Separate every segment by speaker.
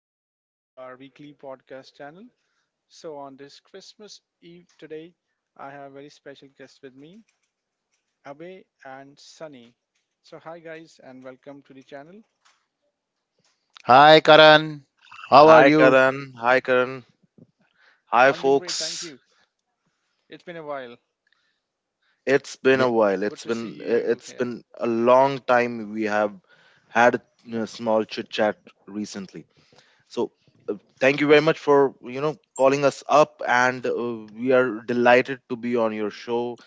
Speaker 1: and welcome to our weekly podcast channel. So, on this Christmas Eve today, I have a very special guest with me, Abe and Sunny. So, hi, guys, and welcome to the channel.
Speaker 2: Hi Karan, how are
Speaker 3: Hi
Speaker 2: you?
Speaker 3: Karan, hi Karan, hi
Speaker 1: I'm doing great, thank
Speaker 3: folks.
Speaker 1: you. It's been a while.
Speaker 3: It's been
Speaker 2: Yeah.
Speaker 3: a while.
Speaker 1: Good
Speaker 3: It's
Speaker 1: to see
Speaker 3: been
Speaker 1: you
Speaker 3: it's
Speaker 1: here.
Speaker 3: been a long time we have had a small chit chat recently. So, thank you very much for calling us up, and we are delighted to be on your show.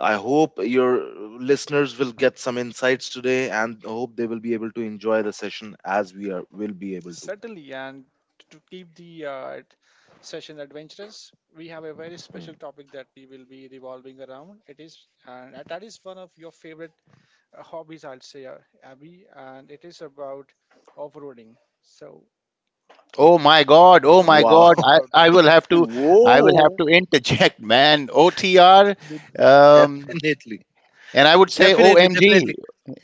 Speaker 3: I hope your listeners will get some insights today, and I hope they will be able to enjoy the session as we are will be able to.
Speaker 1: Certainly, and to keep the session adventurous, we have a very
Speaker 3: Hmm.
Speaker 1: special topic that we will be revolving around. It is, and that is one of your favorite hobbies, I'll say, Abby, and it is about off-roading. So
Speaker 2: Oh
Speaker 1: we'll go
Speaker 2: my
Speaker 1: ahead
Speaker 3: Wow!
Speaker 1: and
Speaker 2: God,
Speaker 1: talk about
Speaker 2: I
Speaker 1: it.
Speaker 2: will have to I will have
Speaker 3: Whoa!
Speaker 2: to interject, man. OTR, um,
Speaker 3: Definitely.
Speaker 2: and I would say
Speaker 3: Definitely,
Speaker 2: OMG,
Speaker 3: definitely.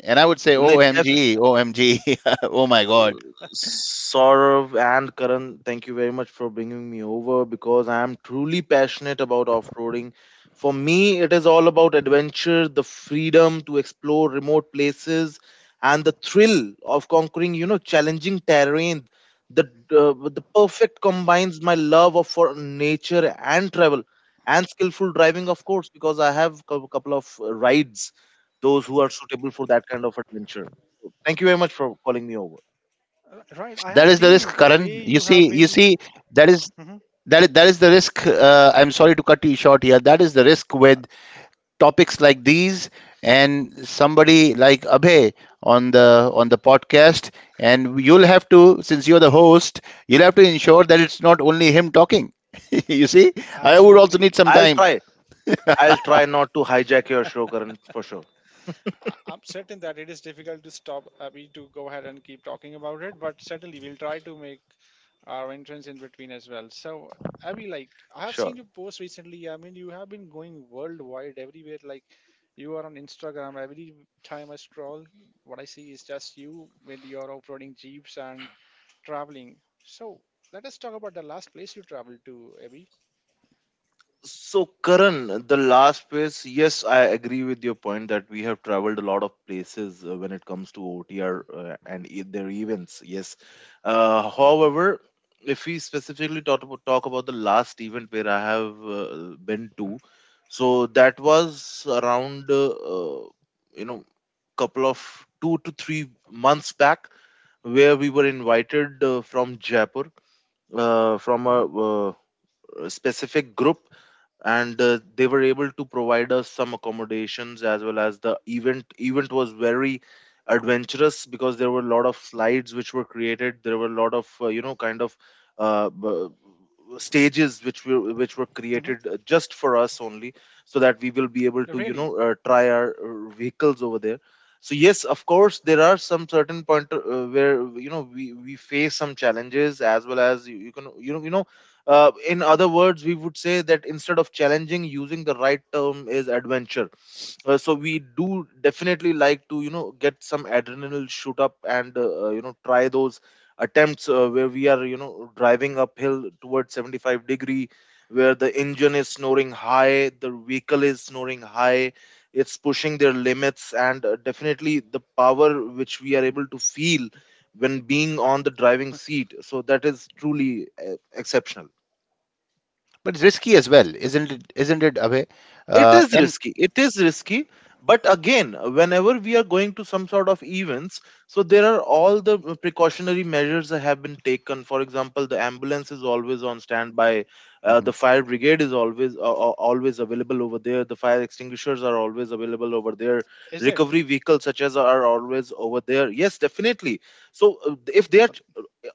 Speaker 2: and I would say
Speaker 3: Like def
Speaker 2: OMG, OMG, oh my God.
Speaker 3: Saurav and Karan, thank you very much for bringing me over because I am truly passionate about off-roading. For me, it is all about adventure, the freedom to explore remote places, and the thrill of conquering, challenging terrain. The the perfect combines my love of for nature and travel and skillful driving, of course, because I have a couple of rides, those who are suitable for that kind of adventure. Thank you very much for calling me over.
Speaker 1: Right, I
Speaker 2: That
Speaker 1: have
Speaker 2: is the
Speaker 1: seen you
Speaker 2: risk,
Speaker 1: the way
Speaker 2: Karan.
Speaker 1: you
Speaker 2: You
Speaker 1: have
Speaker 2: see, you
Speaker 1: been.
Speaker 2: see, that is
Speaker 1: Mhm.
Speaker 2: that is the risk. I'm sorry to cut you short here. That is the risk
Speaker 1: Uh,
Speaker 2: with topics like these and somebody like Abhay on the podcast, and you'll have to, since you're the host, you'll have to ensure that it's not only him talking. You see, I would also need
Speaker 1: Absolutely.
Speaker 2: some
Speaker 3: I'll
Speaker 2: time.
Speaker 3: try. I'll try not to hijack your show, Karan, for sure.
Speaker 1: I'm certain that it is difficult to stop to go ahead and keep talking about it, but certainly we'll try to make our entrance in between as well. So, Abby, like I have seen
Speaker 3: Sure.
Speaker 1: your post recently. I mean, you have been going worldwide everywhere. Like you are on Instagram. Every time I scroll, what I see is just you with your off-roading jeeps and traveling. So let us talk about the last place you traveled to, Abby.
Speaker 3: So, Karan, the last place, yes, I agree with your point that we have traveled a lot of places when it comes to OTR and their events. Yes. However, if we specifically talk about, the last event where I have been to, so that was around, you know, couple of 2 to 3 months back where we were invited from Jaipur, from a,
Speaker 1: hmm
Speaker 3: uh, a specific group, and they were able to provide us some accommodations, as well as the event was very adventurous because there were a lot of slides which were created. There were a lot of kind of uh, b- stages which were
Speaker 1: hmm
Speaker 3: created just for us only, so that we will be able to
Speaker 1: Really?
Speaker 3: try our vehicles over there. So yes, of course, there are some certain point where we face some challenges, as well as you can, in other words, we would say that instead of challenging, using the right term is adventure. So, we do definitely like to, get some adrenaline shoot up, and, try those attempts where we are, driving uphill towards 75-degree, where the engine is snoring high, the vehicle is snoring high, it's pushing their limits, and definitely the power which we are able to feel when being on the driving seat. So that is truly exceptional.
Speaker 2: But it's risky as well, isn't it, Abhay?
Speaker 3: It is
Speaker 2: And
Speaker 3: risky, it is risky, but again, whenever we are going to some sort of events, so there are all the precautionary measures that have been taken. For example, the ambulance is always on standby,
Speaker 2: Mhm.
Speaker 3: the fire brigade is always always available over there, the fire extinguishers are always available over there,
Speaker 1: Is it?
Speaker 3: recovery vehicles such as are always over there, yes, definitely. So if they
Speaker 1: Uh,
Speaker 3: are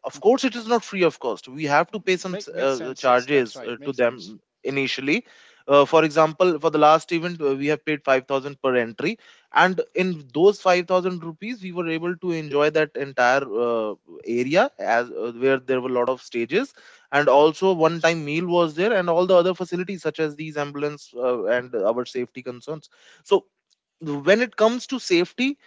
Speaker 3: of
Speaker 1: mhm.
Speaker 3: course, it is not free of cost. We have to pay some
Speaker 1: Make makes sense. Yes, that's
Speaker 3: charges
Speaker 1: right. Makes
Speaker 3: to
Speaker 1: sense.
Speaker 3: them initially. For example, for the last event, we have paid 5,000 per entry, and in those 5,000 rupees, we were able to enjoy that entire area as where there were a lot of stages, and also one-time meal was there, and all the other facilities such as these ambulance and our safety concerns. So when it comes to safety,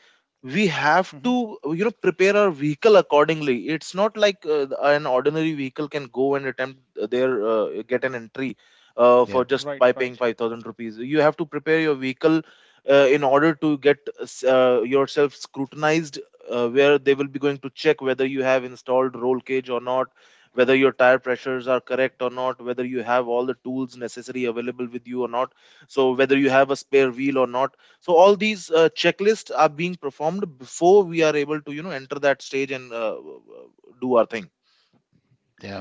Speaker 3: we have to prepare our vehicle accordingly. It's not like an ordinary vehicle can go and attempt their get an entry
Speaker 2: Yeah,
Speaker 3: for just
Speaker 1: Right,
Speaker 3: by
Speaker 1: right,
Speaker 3: paying 5,000 rupees. You have to prepare your vehicle in order to get yourself scrutinized, where they will be going to check whether you have installed roll cage or not, whether your tire pressures are correct or not, whether you have all the tools necessary available with you or not, so whether you have a spare wheel or not. So all these checklists are being performed before we are able to enter that stage and do our thing.
Speaker 2: yeah,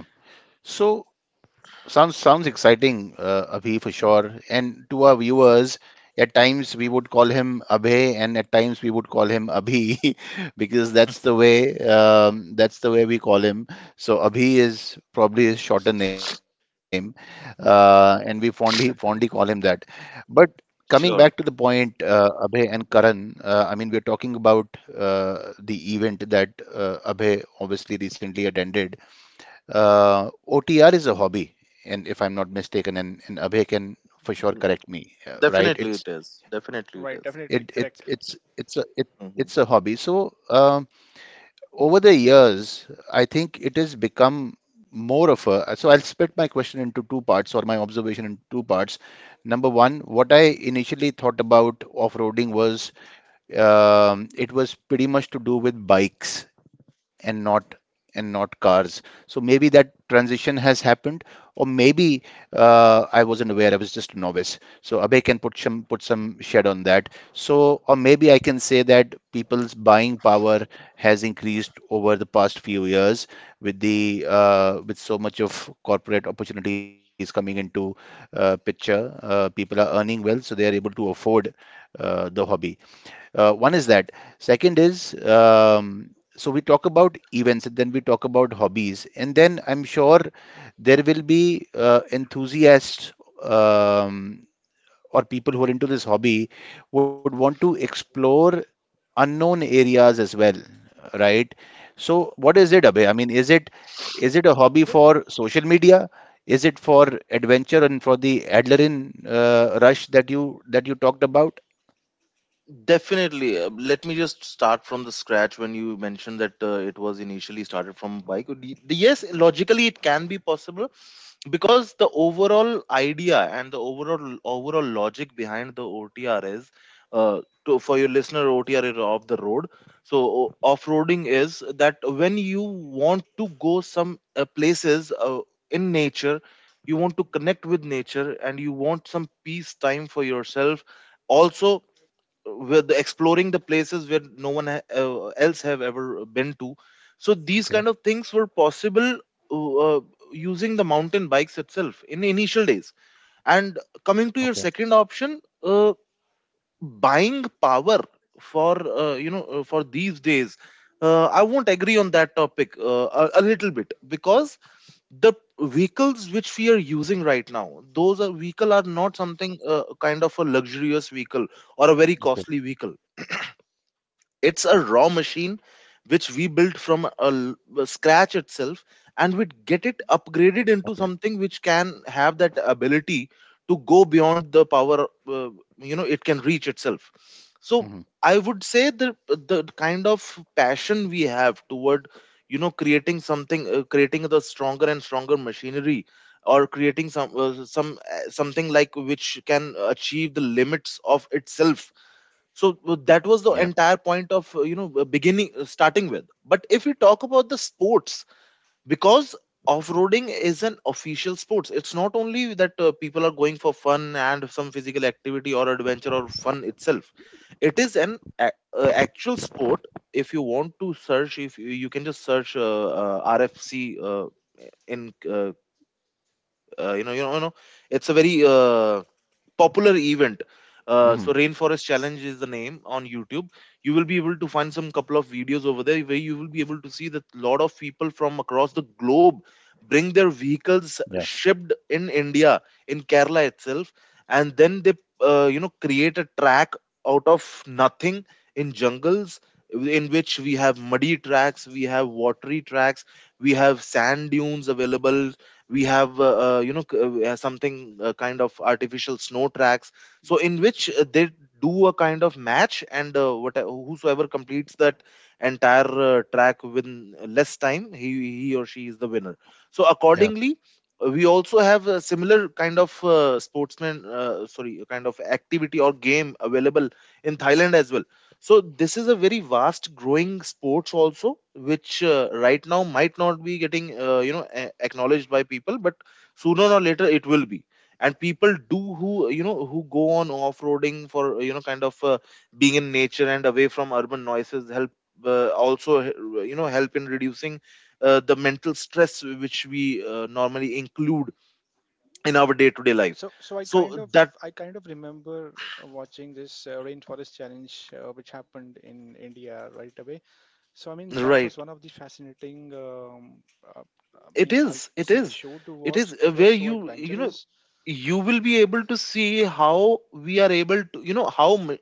Speaker 2: so Sounds sounds exciting, Abhi, for sure. And to our viewers, at times we would call him Abhay, and at times we would call him Abhi, because that's the way we call him. So Abhi is probably his shorter name,
Speaker 3: Mhm.
Speaker 2: and we fondly call him that. But coming
Speaker 3: Sure.
Speaker 2: back to the point, Abhay and Karan, I mean, we're talking about the event that Abhay obviously recently attended. OTR is a hobby, and if I'm not mistaken, and Abhay can for sure
Speaker 3: Mm,
Speaker 2: correct me, right?
Speaker 3: Definitely
Speaker 2: It's
Speaker 3: it is. Definitely
Speaker 2: it
Speaker 3: it
Speaker 1: right.
Speaker 2: it
Speaker 3: is.
Speaker 1: Definitely correct.
Speaker 2: it's a it it's a hobby.
Speaker 3: Mhm.
Speaker 2: So over the years, I think it has become more of a. So I'll split my question into two parts, or my observation in two parts. Number one, what I initially thought about off-roading was, it was pretty much to do with bikes and not cars. So maybe that transition has happened, or maybe I wasn't aware. I was just a novice. So Abhay can put some shed on that. So, or maybe I can say that people's buying power has increased over the past few years with the with so much of corporate opportunities coming into picture. People are earning well, so they are able to afford the hobby. One is that. Second is, so we talk about events and then we talk about hobbies. And then I'm sure there will be enthusiasts, um, or people who are into this hobby, would want to explore unknown areas as well, right? So what is it,
Speaker 1: Mhm.
Speaker 2: Abhay? I mean, is it a hobby
Speaker 1: The-
Speaker 2: for social media? Is it for adventure and for the adrenaline rush that you talked about?
Speaker 3: Definitely. Let me just start from the scratch. When you mentioned that it was initially started from bike, yes, logically it can be possible, because the overall idea and the overall logic behind the OTR is for your listener, OTR is off the road. So off-roading is that when you want to go some places in nature, you want to connect with nature and you want some peace time for yourself, also with exploring the places where no one else have ever been to. So these
Speaker 2: Okay,
Speaker 3: kind of things were possible uh, uh, using the mountain bikes itself in initial days. And coming to your
Speaker 2: okay,
Speaker 3: second option, buying power, for you know for these days, I won't agree on that topic a little bit, because the vehicles which we are using right now, those are vehicle are not something kind of a luxurious vehicle or a very
Speaker 2: okay,
Speaker 3: costly vehicle. It's a raw machine which we built from a scratch itself, and we get it
Speaker 2: okay.
Speaker 3: upgraded into something which can have that ability to go beyond the power. It can reach itself. So
Speaker 2: Hmm.
Speaker 3: I would say the kind of passion we have toward creating something, creating the stronger and stronger machinery, or creating something like which can achieve the limits of itself. So that
Speaker 2: Yeah.
Speaker 3: was the entire point of you know beginning starting with. But if we talk about the sports, because off-roading is an official sports, it's not only that people are going for fun and some physical activity or adventure or fun itself, it is an actual sport. If you want to search if you can just search RFC in you know you know you know it's a very popular event. So,
Speaker 2: Hmm.
Speaker 3: Rainforest Challenge is the name on YouTube. You will be able to find some couple of videos over there where you will be able to see that a lot of people from across the globe bring their
Speaker 2: Yeah,
Speaker 3: vehicles shipped in India, in Kerala itself, and then they create a track out of nothing in jungles, in which we have muddy tracks, we have watery tracks, we have sand dunes available, we have something kind of artificial snow tracks, so in which they do a kind of match, and what whosoever completes that entire track within less time, he or she is the winner. So
Speaker 2: yeah,
Speaker 3: accordingly, we also have a similar kind of sportsman sorry, a kind of activity or game available in thailand as well. So this is a very vast growing sport also, which right now might not be getting acknowledged by people, but sooner or later it will be. And people do who you know who go on off-roading for kind of being in nature and away from urban noises, help also h- you know help reducing the mental stress which we normally include in our day-to-day life.
Speaker 1: so, so I kind of,
Speaker 3: So that
Speaker 1: I kind of remember watching this rainforest challenge, which happened in India right away. So, I mean, that was one
Speaker 3: Right,
Speaker 1: of the fascinating. Uh, I
Speaker 3: it
Speaker 1: mean, I'll
Speaker 3: is, it
Speaker 1: say the
Speaker 3: is
Speaker 1: show to
Speaker 3: it
Speaker 1: watch.
Speaker 3: is
Speaker 1: It was
Speaker 3: where
Speaker 1: so
Speaker 3: you know
Speaker 1: adventurous.
Speaker 3: you will be able to see how we are able to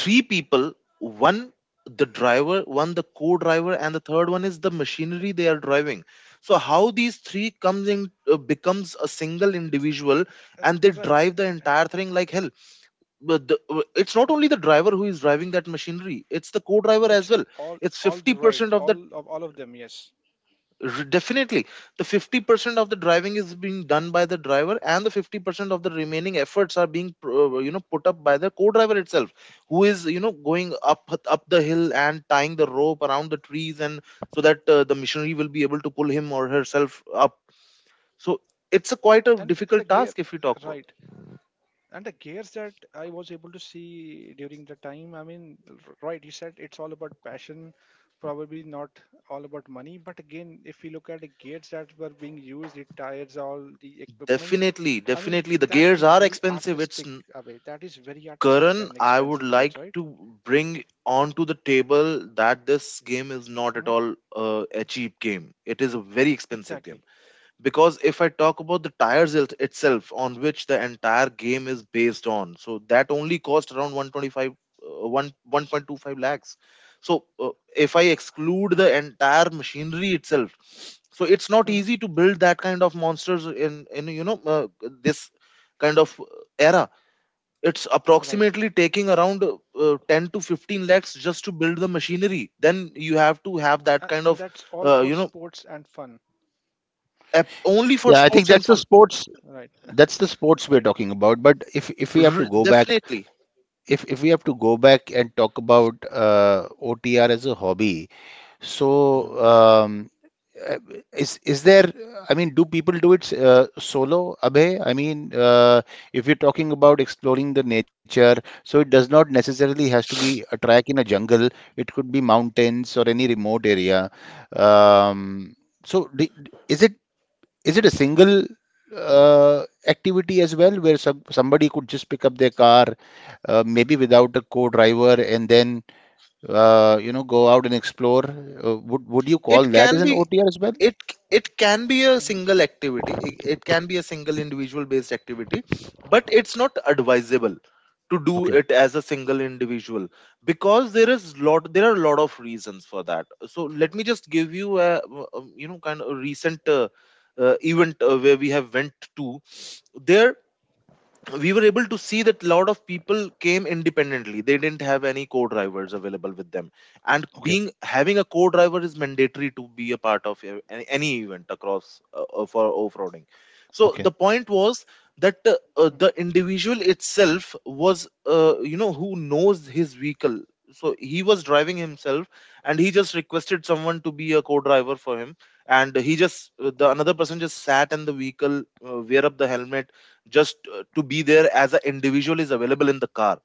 Speaker 3: three people, one the driver, one the co-driver, and the third one is the machinery they are
Speaker 1: Mhm.
Speaker 3: driving. So how these three comes in becomes a single
Speaker 1: It's
Speaker 3: individual, and they
Speaker 1: right.
Speaker 3: drive the entire thing like hell. But it's not only the driver who is driving that machinery, it's the co-driver
Speaker 1: It's
Speaker 3: as well. It's
Speaker 1: all the right,
Speaker 3: 50% of the
Speaker 1: all of them. Yes,
Speaker 3: Definitely, the 50% of the driving is being done by the driver, and the 50% of the remaining efforts are being put up by the co-driver itself, who is going up the hill and tying the rope around the trees, and so that the missionary will be able to pull him or herself up. So it's a quite a
Speaker 1: and the
Speaker 3: difficult
Speaker 1: gear.
Speaker 3: task if we talk about.
Speaker 1: Right. And the gears that I was able to see during the time, I mean, right, you said it's all about passion, probably not all about money. But again, if you look at the gears that were being used, the tires, all the equipments,
Speaker 3: Definitely,
Speaker 1: I mean,
Speaker 3: definitely, the
Speaker 1: that
Speaker 3: gears
Speaker 1: is
Speaker 3: are
Speaker 1: very
Speaker 3: expensive.
Speaker 1: artistic,
Speaker 3: It's
Speaker 1: Abhay. That is very artistic and
Speaker 3: Karan, I would
Speaker 1: expensive gears,
Speaker 3: like
Speaker 1: right?
Speaker 3: to bring onto the table that this game is not
Speaker 1: hmm
Speaker 3: at all a cheap game. It is a very expensive
Speaker 1: Exactly.
Speaker 3: game, because if I talk about the tires itself, on which the entire game is based on, so that only cost around 125, 1, 1.25 lakhs. So uh, if I exclude the entire machinery itself, so it's not
Speaker 1: hmm
Speaker 3: easy to build that kind of monsters in this kind of era. It's
Speaker 1: Right.
Speaker 3: approximately taking around 10 to 15 lakhs just to build the machinery. Then you have to have that
Speaker 1: And,
Speaker 3: kind
Speaker 1: and
Speaker 3: of
Speaker 1: that's all
Speaker 3: uh,
Speaker 1: for
Speaker 3: you know
Speaker 1: sports and fun.
Speaker 3: app only for
Speaker 2: yeah. I think
Speaker 3: sports and
Speaker 2: that's the
Speaker 3: fun.
Speaker 2: sports.
Speaker 1: Right.
Speaker 2: That's the sports we're
Speaker 1: Right.
Speaker 2: talking about. But if we have to go back,
Speaker 3: Definitely.
Speaker 2: if we have to go back and talk about OTR as a hobby, so
Speaker 3: Mhm.
Speaker 2: um, uh, is there, I mean, do people do it, solo, Abhay? I mean, uh, if you're talking about exploring the nature, so it does not necessarily has to be a track in a jungle. It could be mountains or any remote area. Um, so is it, is it a single uh, activity as well, where somebody could just pick up their car, maybe without a co-driver, and then, you know, go out and explore? Uh, would you call
Speaker 3: It
Speaker 2: that as
Speaker 3: can
Speaker 2: an
Speaker 3: be.
Speaker 2: OTR as well?
Speaker 3: It it can be a
Speaker 1: hmm
Speaker 3: single activity. It can be a single individual based activity, but it's not advisable to do it as a single individual because there are a lot of reasons for that. So let me just give you a kind of a recent event where we have went to. There we were able to see that a lot of people came independently. They didn't have any co-drivers available with them, and
Speaker 2: Okay.
Speaker 3: being having a co-driver is mandatory to be a part of any event across for off-roading. So
Speaker 2: Okay.
Speaker 3: the point was that the
Speaker 1: hmm
Speaker 3: individual itself was, who knows his vehicle, so he was driving himself, and he just requested someone to be a co-driver for him. And he just the another person just sat in the vehicle, wear up the helmet, just to be there as an individual is available in the car.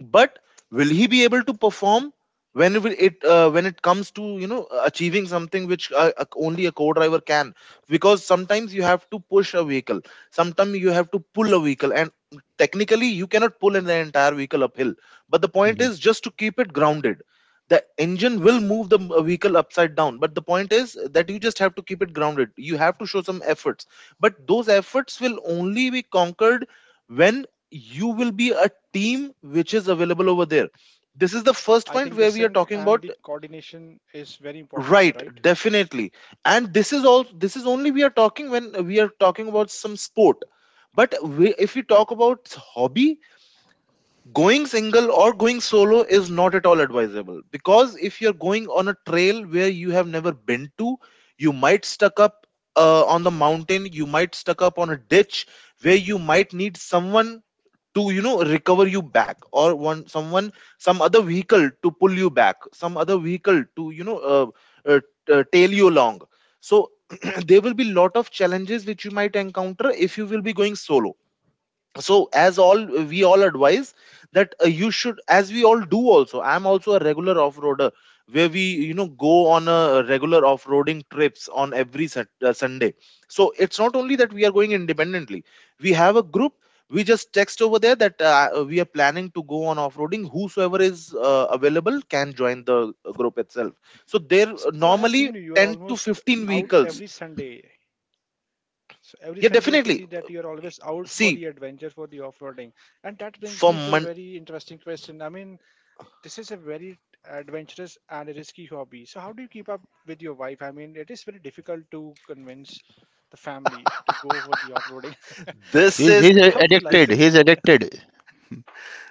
Speaker 3: But will he be able to perform when when it comes to you know achieving something which only a co-driver can? Because sometimes you have to push a vehicle, sometimes you have to pull a vehicle, and technically you cannot pull in the entire vehicle uphill. But the point
Speaker 2: Mhm.
Speaker 3: is just to keep it grounded. The engine will move the vehicle upside down, but the point is that you just have to keep it grounded. You have to show some efforts, but those efforts will only be conquered when you will be a team which is available over there. This is the first
Speaker 1: I think
Speaker 3: point
Speaker 1: the
Speaker 3: where we are
Speaker 1: sync
Speaker 3: talking
Speaker 1: and the
Speaker 3: about.
Speaker 1: coordination is very important here,
Speaker 3: Right,
Speaker 1: right?
Speaker 3: definitely. And this is all, this is only we are talking when we are talking about some sport. But if we
Speaker 1: Right.
Speaker 3: talk about hobby, going single or going solo is not at all advisable, because if you're going on a trail where you have never been to, you might stuck up on the mountain, you might stuck up on a ditch where you might need someone to you know recover you back, or one someone, some other vehicle to pull you back, some other vehicle to you know uh, tail you along. So there will be lot of challenges which you might encounter if you will be going solo. So as all we all advise that you should, as we all do. Also, I am also a regular off-roader, where we you know go on a regular off-roading trips on every Sunday. So it's not only that we are going independently, we have a group. We just text over there that we are planning to go on off-roading. Whosoever is available can join the group Self. So there
Speaker 1: So, so I have
Speaker 3: normally
Speaker 1: seen you. You are
Speaker 3: 10 to
Speaker 1: almost
Speaker 3: 15
Speaker 1: out
Speaker 3: vehicles.
Speaker 1: every Sunday. So every Sunday, I can
Speaker 3: Definitely.
Speaker 1: see that you are always out for
Speaker 3: See.
Speaker 1: the adventure, for the off-roading, and that brings
Speaker 3: for
Speaker 1: me to a
Speaker 3: mon-
Speaker 1: very interesting question. I mean, this is a very adventurous and risky hobby. So, how do you keep up with your wife? I mean, it is very difficult to convince the family to go for the off-roading.
Speaker 3: this
Speaker 2: He's
Speaker 3: is.
Speaker 2: he's a-
Speaker 1: I would like
Speaker 2: addicted.
Speaker 1: to know.
Speaker 2: He's addicted.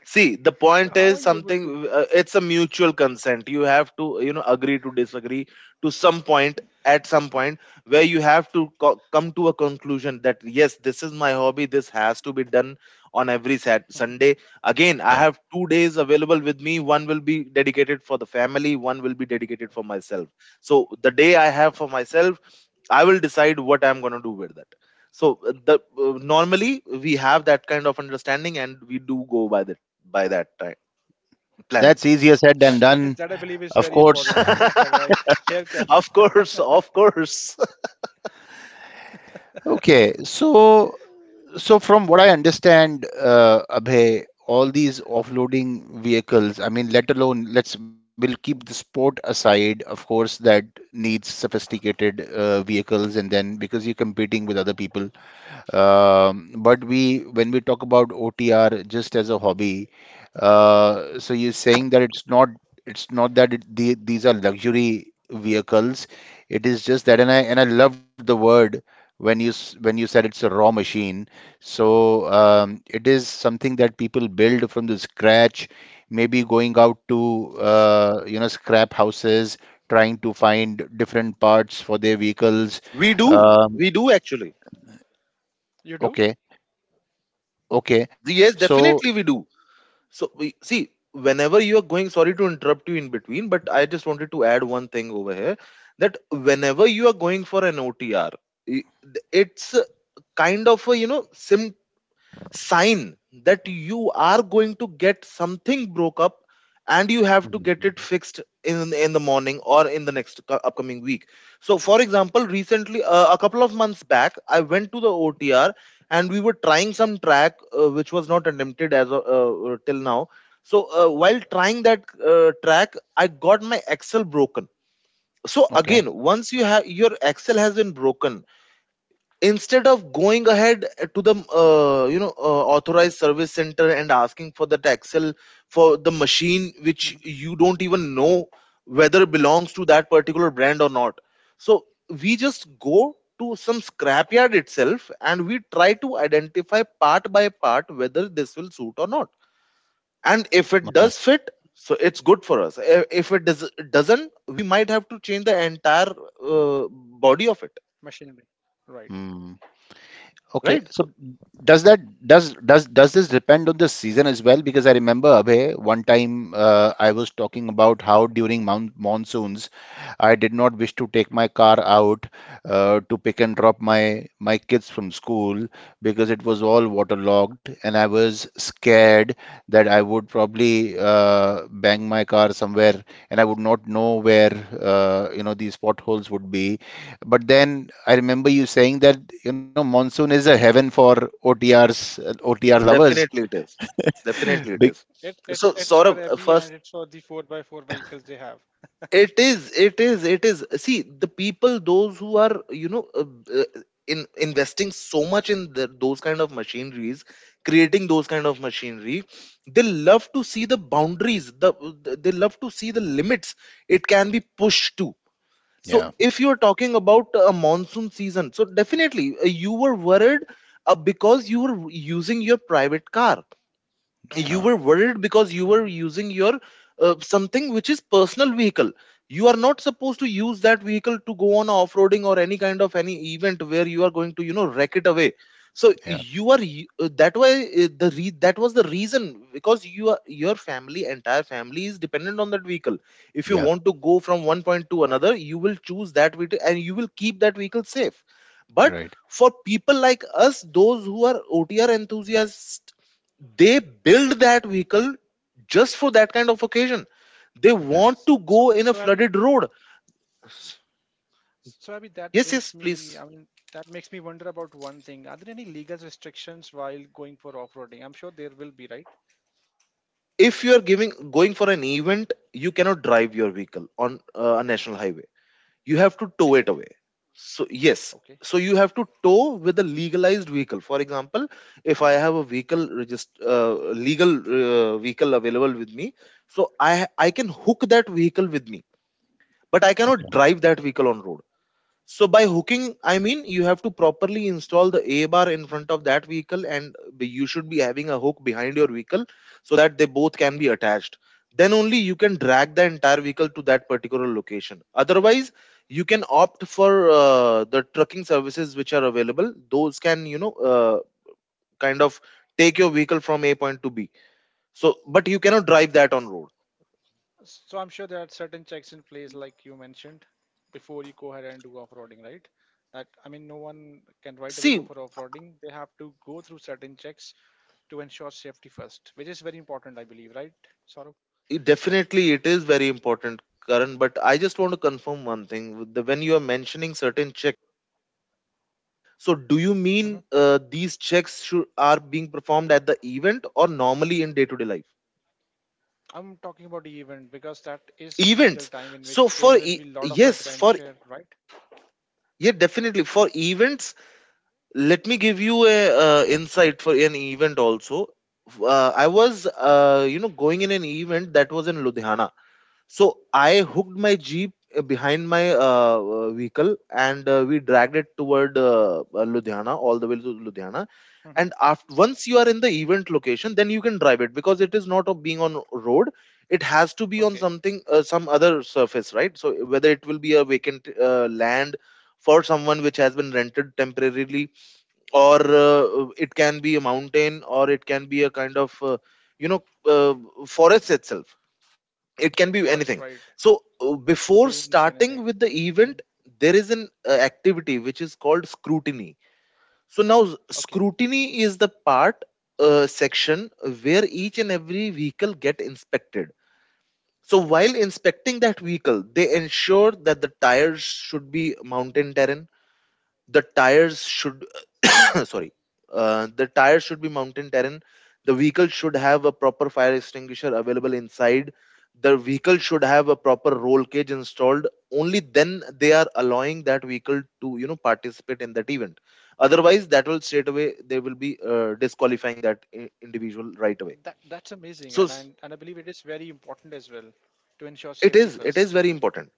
Speaker 3: See, the
Speaker 1: So,
Speaker 3: point
Speaker 1: how are
Speaker 3: is
Speaker 1: you able to?
Speaker 3: something, it's a mutual consent. You have to, you know, agree to disagree to some point, at some point, where you have to come to a conclusion that, yes, this is my hobby. This has to be done on every Sunday. Again, I
Speaker 2: Yeah.
Speaker 3: have 2 days available with me. One will be dedicated for the family, one will be dedicated for myself. So the day I have for myself, I will decide what I'm going to do with that. So the normally we have that kind of understanding, and we do go by that, by that time planning.
Speaker 2: That's easier said than
Speaker 1: That that
Speaker 2: done,
Speaker 1: is that I believe is
Speaker 2: of
Speaker 1: very
Speaker 2: course.
Speaker 1: important, right? Here, co-
Speaker 3: Of course, of course.
Speaker 2: Okay. so from what I understand, Abhay, all these offloading vehicles, I mean, let alone, let's we'll keep the sport aside, of course, that needs sophisticated vehicles, and then, because you're competing with other people. But when we talk about OTR just as a hobby, so you're saying that it's not that these are luxury vehicles. It is just that, and I loved the word when when you said it's a raw machine. So it is something that people build from the scratch. Maybe going out to, you know, scrap houses, trying to find different parts for their vehicles.
Speaker 3: We do,
Speaker 2: Um,
Speaker 3: we do actually.
Speaker 1: you do.
Speaker 2: okay. Okay.
Speaker 3: Yes,
Speaker 2: So,
Speaker 3: definitely we do. So see, whenever you are going, sorry to interrupt you in between, but I just wanted to add one thing over here, that whenever you are going for an OTR, it's a kind of a you know sim. Sign that you are going to get something broke up, and you have to
Speaker 2: mhm.
Speaker 3: get it
Speaker 2: Mhm.
Speaker 3: fixed in the morning or in the next upcoming week. So for example, recently a couple of months back I went to the OTR, and we were trying some track which was not attempted, till now. So while trying that track, I got my axle broken. So
Speaker 2: Okay,
Speaker 3: again, once you have your axle has been broken, instead of going ahead to the authorized service center and asking for the taxel for the machine which
Speaker 1: Mhm.
Speaker 3: you don't even know whether it belongs to that particular brand or not. So we just go to some scrapyard itself and we try to identify part by part whether this will suit or not. And if it
Speaker 2: okay.
Speaker 3: does fit, so it's good for us. If it doesn't, we might have to change the entire uh, body of it.
Speaker 1: Machinery, right?
Speaker 2: Hmm. Okay,
Speaker 3: Right.
Speaker 2: so
Speaker 3: So,
Speaker 2: does that, does this depend on the season as well? Because I remember, Abhay, one time, I was talking about how during monsoons I did not wish to take my car out to pick and drop my kids from school, because it was all waterlogged, and I was scared that I would probably bang my car somewhere, and I would not know where you know these potholes would be. But then I remember you saying that, you know, monsoon is a heaven for OTRs, OTR lovers.
Speaker 3: definitely it is. Definitely it
Speaker 2: Big,
Speaker 3: is.
Speaker 1: It,
Speaker 3: So
Speaker 1: it's
Speaker 3: Saurabh,
Speaker 1: for Abby
Speaker 3: first
Speaker 1: and it's for the four by four vehicles they have.
Speaker 3: it is, it is, it is. See, the people, those who are, you know, uh, in investing so much in those kind of machineries, creating those kind of machinery, they love to see the boundaries. They love to see the limits it can be pushed to. So
Speaker 2: yeah,
Speaker 3: if you're talking about a monsoon season, so definitely you were worried because you were using your private car, you
Speaker 2: yeah,
Speaker 3: were worried because you were
Speaker 1: Mhm.
Speaker 3: using your something which is personal vehicle. You are not supposed to
Speaker 1: S-
Speaker 3: use that vehicle to go on off-roading or any kind of any event where you are going to you know wreck it away. So
Speaker 2: yeah,
Speaker 3: you are that way, that was the reason, because your family, entire family is dependent on that vehicle. If you
Speaker 2: yeah,
Speaker 3: want to go from one point to
Speaker 1: Right.
Speaker 3: another, you will choose that vehicle and you will keep that vehicle safe. But
Speaker 2: right.
Speaker 3: for people like us, those who are OTR enthusiasts, they build that vehicle just for that kind of occasion. They
Speaker 2: Yeah.
Speaker 3: want to go
Speaker 1: So
Speaker 3: in a flooded road.
Speaker 1: so Abby, that
Speaker 3: Yes, yes
Speaker 1: brings
Speaker 3: please.
Speaker 1: me. I mean, that makes me wonder about one thing. Are there any legal restrictions while going for off-roading? I'm sure there will be, right?
Speaker 3: If you are giving going for an event, you cannot drive your vehicle on a national highway. You have to tow it
Speaker 1: Is it?
Speaker 3: away. So yes,
Speaker 1: Okay.
Speaker 3: so you have to tow with a legalized vehicle. For example, if I have a vehicle legal vehicle available with me, so I can hook that vehicle with me, but I cannot
Speaker 2: Okay.
Speaker 3: drive that vehicle on road. So by hooking, I mean you have to properly install the A bar in front of that vehicle, and you should be having a hook behind your vehicle, so that both can be
Speaker 1: hmm
Speaker 3: attached. Then only you can drag the entire vehicle to that particular location. Otherwise, you can opt for the trucking services which are available. Those can you know kind of take your vehicle from A point to B. So, but you cannot
Speaker 1: So
Speaker 3: drive that on
Speaker 1: that's,
Speaker 3: road.
Speaker 1: so I'm sure there are certain checks in place, like you mentioned, before you go ahead and do off-roading, right? That I mean, no one can right away
Speaker 3: See,
Speaker 1: go for off-roading. They have to go through certain checks to ensure safety first, which is very important, I believe, right, Saurabh?
Speaker 3: definitely, it is very important, Karan. But I just want to confirm one thing. When you are mentioning certain checks, so do you mean
Speaker 1: Hmm
Speaker 3: these are being performed at the event or normally in day-to-day life?
Speaker 1: I'm talking about the event because that is a
Speaker 3: Events.
Speaker 1: critical time
Speaker 3: So
Speaker 1: in which
Speaker 3: for
Speaker 1: there will
Speaker 3: e-
Speaker 1: be a lot of
Speaker 3: yes, for
Speaker 1: adventure, right?
Speaker 3: Yeah, definitely for events. Let me give you a insight for an event also. I was going in an event that was in Ludhiana. So I hooked my jeep behind my vehicle, and we dragged it toward Ludhiana, all the way to Ludhiana.
Speaker 1: hmm
Speaker 3: And after, once you are in the event location, then you can drive it because it is not of being on road. It has to be on
Speaker 1: Okay,
Speaker 3: something, some other surface, right? So whether it will be a vacant land for someone which has been rented temporarily, or it can be a mountain, or it can be a kind of, you know, uh, forest itself. It can be anything.
Speaker 1: forest right?
Speaker 3: So before
Speaker 1: Dunes,
Speaker 3: starting
Speaker 1: anything.
Speaker 3: with the event
Speaker 1: Mhm.
Speaker 3: there is an activity which is called scrutiny. So now
Speaker 1: Okay,
Speaker 3: scrutiny is the part, section where each and every vehicle get inspected. So while
Speaker 1: okay,
Speaker 3: inspecting that vehicle they ensure that the tires should be mountain terrain, the tires should sorry, the tires should be mountain terrain, the vehicle should have a proper fire extinguisher available inside, the vehicle should have a proper roll cage installed. Only then they are allowing that vehicle to you know participate in that event, otherwise that will straight away, they will be disqualifying that individual right away.
Speaker 1: that that's
Speaker 3: so
Speaker 1: amazing,
Speaker 3: s-
Speaker 1: and I believe it is very important as well to ensure
Speaker 3: it
Speaker 1: safety
Speaker 3: is it is
Speaker 1: first.
Speaker 3: very important.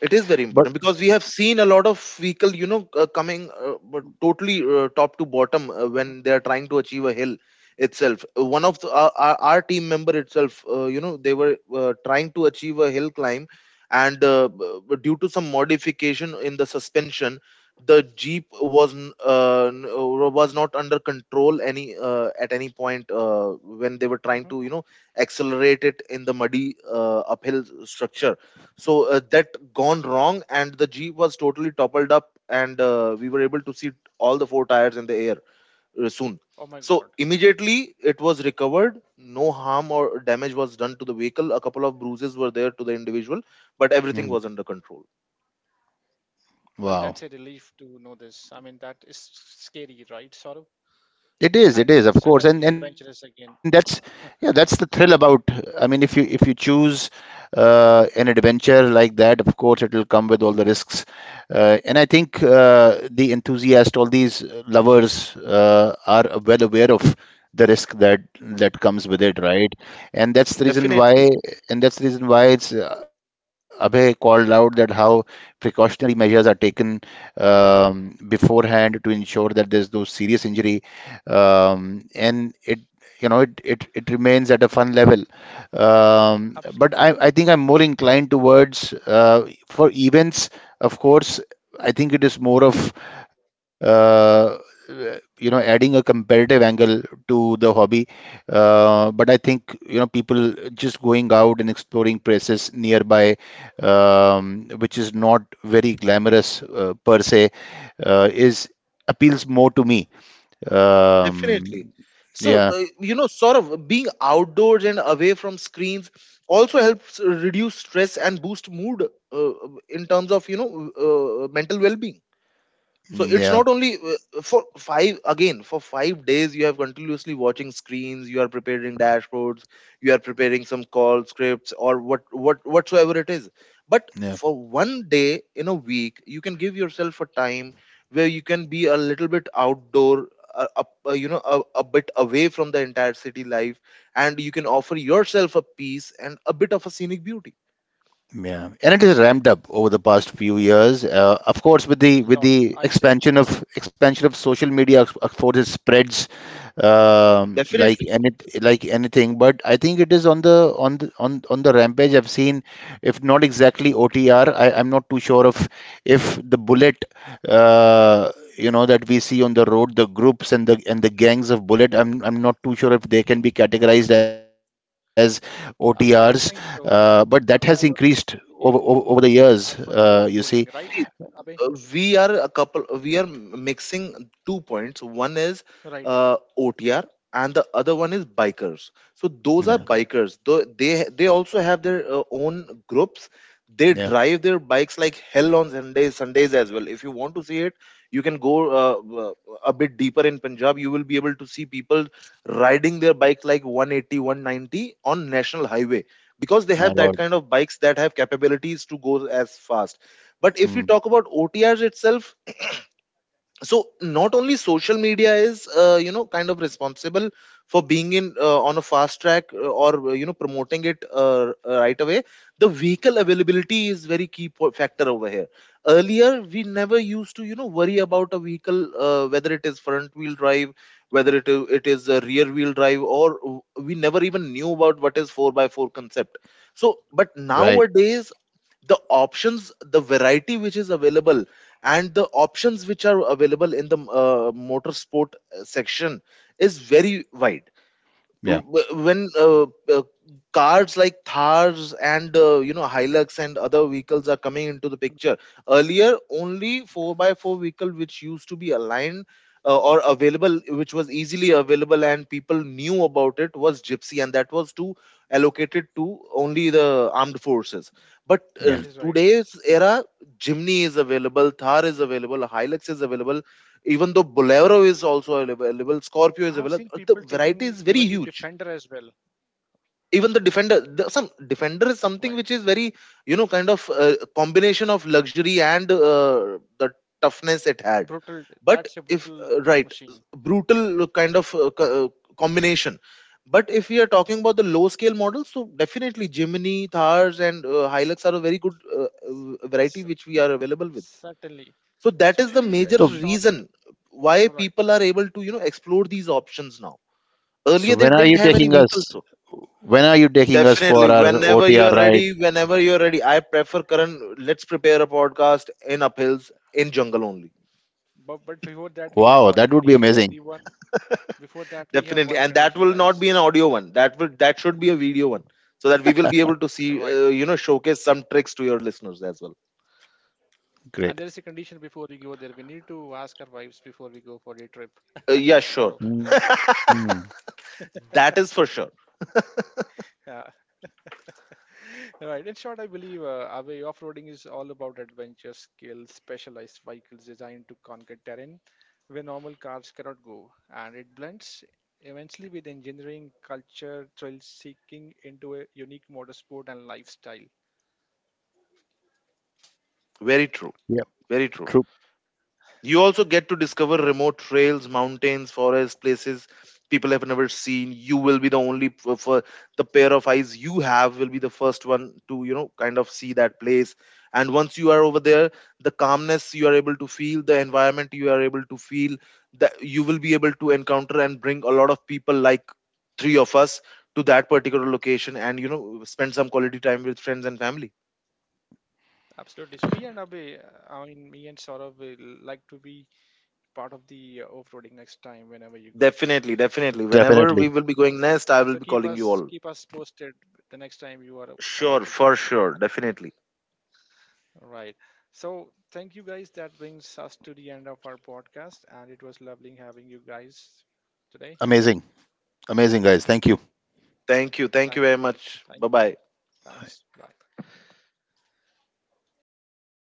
Speaker 3: It is very important
Speaker 2: But
Speaker 3: because we have seen a lot of vehicle, you know, coming but totally top to bottom
Speaker 1: Hmm
Speaker 3: when they are trying to achieve a hill itself. One of the, our team member itself, you know, they were trying to achieve a hill climb, and due to some modification in the suspension, the jeep was was not under control any at any point when they were trying
Speaker 1: hmm
Speaker 3: to, you know, accelerate it in the muddy uphill structure. So that gone wrong and the jeep was totally toppled up and we were able to see all the four tires in the air soon.
Speaker 1: Oh my
Speaker 3: So
Speaker 1: God.
Speaker 3: immediately it was recovered, no harm or damage was done to the vehicle, a couple of bruises were there to the individual, but everything
Speaker 2: mhm.
Speaker 3: was under control.
Speaker 1: Well,
Speaker 2: Wow.
Speaker 1: that's a relief to know this. I mean, that is scary, right, Saurabh?
Speaker 2: It
Speaker 1: And
Speaker 2: is, of course, and
Speaker 1: certainly
Speaker 2: that's,
Speaker 1: adventurous
Speaker 2: yeah,
Speaker 1: again.
Speaker 2: that's the thrill about. I mean, if you choose an adventure like that, of course, it will come with all the risks. And I think the enthusiast, all these lovers, are well aware of the risk that comes with it, right? And that's the reason
Speaker 3: Definitely,
Speaker 2: why it's, Abhay called out, that how precautionary measures are taken, beforehand, to ensure that there's no serious injury,
Speaker 1: Mhm.
Speaker 2: and it you know it remains at a fun level. Um, but
Speaker 1: Absolutely.
Speaker 2: I think I'm more inclined towards, for events, of course. I think it is more of, uh, you know, adding a competitive angle to the hobby. Uh, but I think, you know, people just going out and exploring places nearby, which is not very glamorous, per se, is, appeals more to me.
Speaker 3: definitely.
Speaker 2: Um,
Speaker 3: So
Speaker 2: yeah,
Speaker 3: you know, sort of being outdoors and away from screens also helps reduce stress and boost mood, uh, in terms of you know mental well-being. So
Speaker 2: mm,
Speaker 3: it's
Speaker 2: yeah,
Speaker 3: not only for five, again, for 5 days you have continuously watching screens, you are preparing dashboards, you are preparing some call scripts or what whatsoever it is. But
Speaker 2: yeah.
Speaker 3: for one day in a week, you can give yourself a time where you can be a little bit outdoor, uh, up, you know, a bit away from the entire city life, and you can offer yourself a peace and a bit of a scenic beauty.
Speaker 2: Yeah, and it is ramped up over the past few years. Of course, with
Speaker 1: A
Speaker 2: the
Speaker 1: lot. I'll say
Speaker 2: expansion of social media, of course, it spreads. Um, like
Speaker 3: Definitely,
Speaker 2: any, like anything. But I think it is on the on the rampage. I've seen, if not exactly OTR, I'm not too sure of if the bullet. Uh, you know, that we see on the road, the groups and the gangs of bullet, I'm not too sure if they can be categorized as OTRs,
Speaker 1: I don't think
Speaker 2: but that
Speaker 1: so.
Speaker 2: has
Speaker 1: I
Speaker 2: increased
Speaker 1: mean, I don't think
Speaker 2: over
Speaker 1: they
Speaker 2: the years.
Speaker 1: ask for the
Speaker 2: You see,
Speaker 1: offloading, right,
Speaker 3: see,
Speaker 1: Abhay?
Speaker 3: we are mixing two points. One is
Speaker 1: Right,
Speaker 3: OTR and the other one is bikers. So those are
Speaker 2: yeah,
Speaker 1: correct.
Speaker 3: bikers. They also have their own groups. They
Speaker 2: yeah,
Speaker 3: drive their bikes like hell on sundays, sundays as well. If you want to see it, you can go uh, w- a bit deeper in punjab, you will be able to see people riding their bikes like 180 190 on national highway, because they
Speaker 2: my
Speaker 3: have that
Speaker 2: lord,
Speaker 3: kind of bikes that have capabilities to go as fast. But if we
Speaker 2: hmm.
Speaker 3: talk about OTRs itself, so not only social media is you know kind of responsible for being in on a fast track or you know promoting it right away. The vehicle availability is very key factor over here. Earlier, we never used to you know worry about a vehicle whether it is front wheel drive, whether it is a rear wheel drive, or we never even knew about what is four by four concept. So, but
Speaker 2: Right,
Speaker 3: nowadays the options, the variety which is available, and the options which are available in the motorsport section is very wide.
Speaker 2: yeah,
Speaker 3: When uh, cars like thars and you know hilux and other vehicles are coming into the picture, earlier only 4x4 vehicle which used to be aligned or available, which was easily available and people knew about it, was gypsy, and that was to allocated to only the armed forces. But
Speaker 2: yeah.
Speaker 1: That is right.
Speaker 3: today's
Speaker 1: Mhm.
Speaker 3: era, jimny is available, thar is available, hilux is available, even though bolero is also available, scorpio is
Speaker 1: I have seen
Speaker 3: available, the
Speaker 1: people
Speaker 3: variety
Speaker 1: taking
Speaker 3: is very
Speaker 1: even the
Speaker 3: huge.
Speaker 1: defender as well.
Speaker 3: Even the defender, the, some defender is something
Speaker 1: Right,
Speaker 3: which is very you know kind of combination of luxury and the toughness it had.
Speaker 1: brutal. That's
Speaker 3: But
Speaker 1: a
Speaker 3: if
Speaker 1: brutal
Speaker 3: right,
Speaker 1: machine.
Speaker 3: brutal kind of combination. But if we are talking about the low scale models, so definitely Jimny, thars and hilux are a very good variety
Speaker 1: C-
Speaker 3: which we are available with.
Speaker 1: certainly.
Speaker 3: So that
Speaker 1: So I
Speaker 3: is the
Speaker 1: believe
Speaker 2: So,
Speaker 1: in
Speaker 3: major
Speaker 1: short,
Speaker 3: reason why
Speaker 1: right.
Speaker 3: people are able to you know explore these options now,
Speaker 2: so
Speaker 3: earlier they
Speaker 2: when are you
Speaker 3: didn't have any
Speaker 2: taking
Speaker 3: vehicles
Speaker 2: us?
Speaker 3: so.
Speaker 2: When are you taking us
Speaker 3: Definitely,
Speaker 2: for our
Speaker 3: whenever you
Speaker 2: OTR
Speaker 3: are
Speaker 2: ride?
Speaker 3: ready, whenever you are ready, I prefer current. Let's prepare a podcast in uphills, in jungle only.
Speaker 1: But
Speaker 2: Wow,
Speaker 1: before
Speaker 2: that
Speaker 1: that we
Speaker 2: would be
Speaker 1: have one
Speaker 2: amazing.
Speaker 1: condition. Everyone before that we have one
Speaker 3: Definitely, and that
Speaker 1: condition,
Speaker 3: will not
Speaker 1: guys.
Speaker 3: be an audio one. That will that should be a video one, so that we will be able to see,
Speaker 1: Right.
Speaker 3: you know, showcase some tricks to your listeners as well.
Speaker 1: And there
Speaker 2: Great.
Speaker 1: is a condition before we go there. We need to ask our wives before we go for a trip.
Speaker 3: Yeah, sure.
Speaker 2: Hmm.
Speaker 3: That is for sure.
Speaker 1: Sorrow. Right. In short, I believe Away off-roading is all about adventure, skill, specialized vehicles designed to conquer terrain where normal cars cannot go, and it blends immensely with engineering, culture, thrill seeking into a unique motorsport and lifestyle.
Speaker 3: Very true.
Speaker 2: Yeah,
Speaker 3: Very true.
Speaker 2: true,
Speaker 3: You also get to discover
Speaker 1: Right.
Speaker 3: remote trails, mountains, forests, places people have never seen. You will be the only for the pair of eyes you have will be the first one to you know kind of see that place. And once you are over there, the calmness you are able to feel, the environment you are able to feel, that you will be able to encounter and bring a lot of people like three of us to that particular location and you know spend some quality time with friends and family.
Speaker 1: Absolutely. So me and Abe, I mean me and Saurabh will like to be part of the off-roading next time whenever you go.
Speaker 3: Definitely,
Speaker 1: So
Speaker 3: definitely.
Speaker 1: keep
Speaker 3: Whenever
Speaker 2: definitely.
Speaker 3: we will be going
Speaker 1: so,
Speaker 3: next, I will
Speaker 1: so
Speaker 3: be calling you all.
Speaker 1: keep us posted the next time you are about
Speaker 3: Sure,
Speaker 1: to go.
Speaker 3: for sure, definitely.
Speaker 1: Right. So, thank you guys. That brings us to the end of our podcast, and it was lovely having you guys today.
Speaker 2: Amazing, amazing guys. Thank you.
Speaker 3: Thank you. Thank you
Speaker 1: Thank you
Speaker 3: very
Speaker 1: guys.
Speaker 3: much.
Speaker 1: Thank.
Speaker 3: Bye bye.
Speaker 1: Thanks. Bye.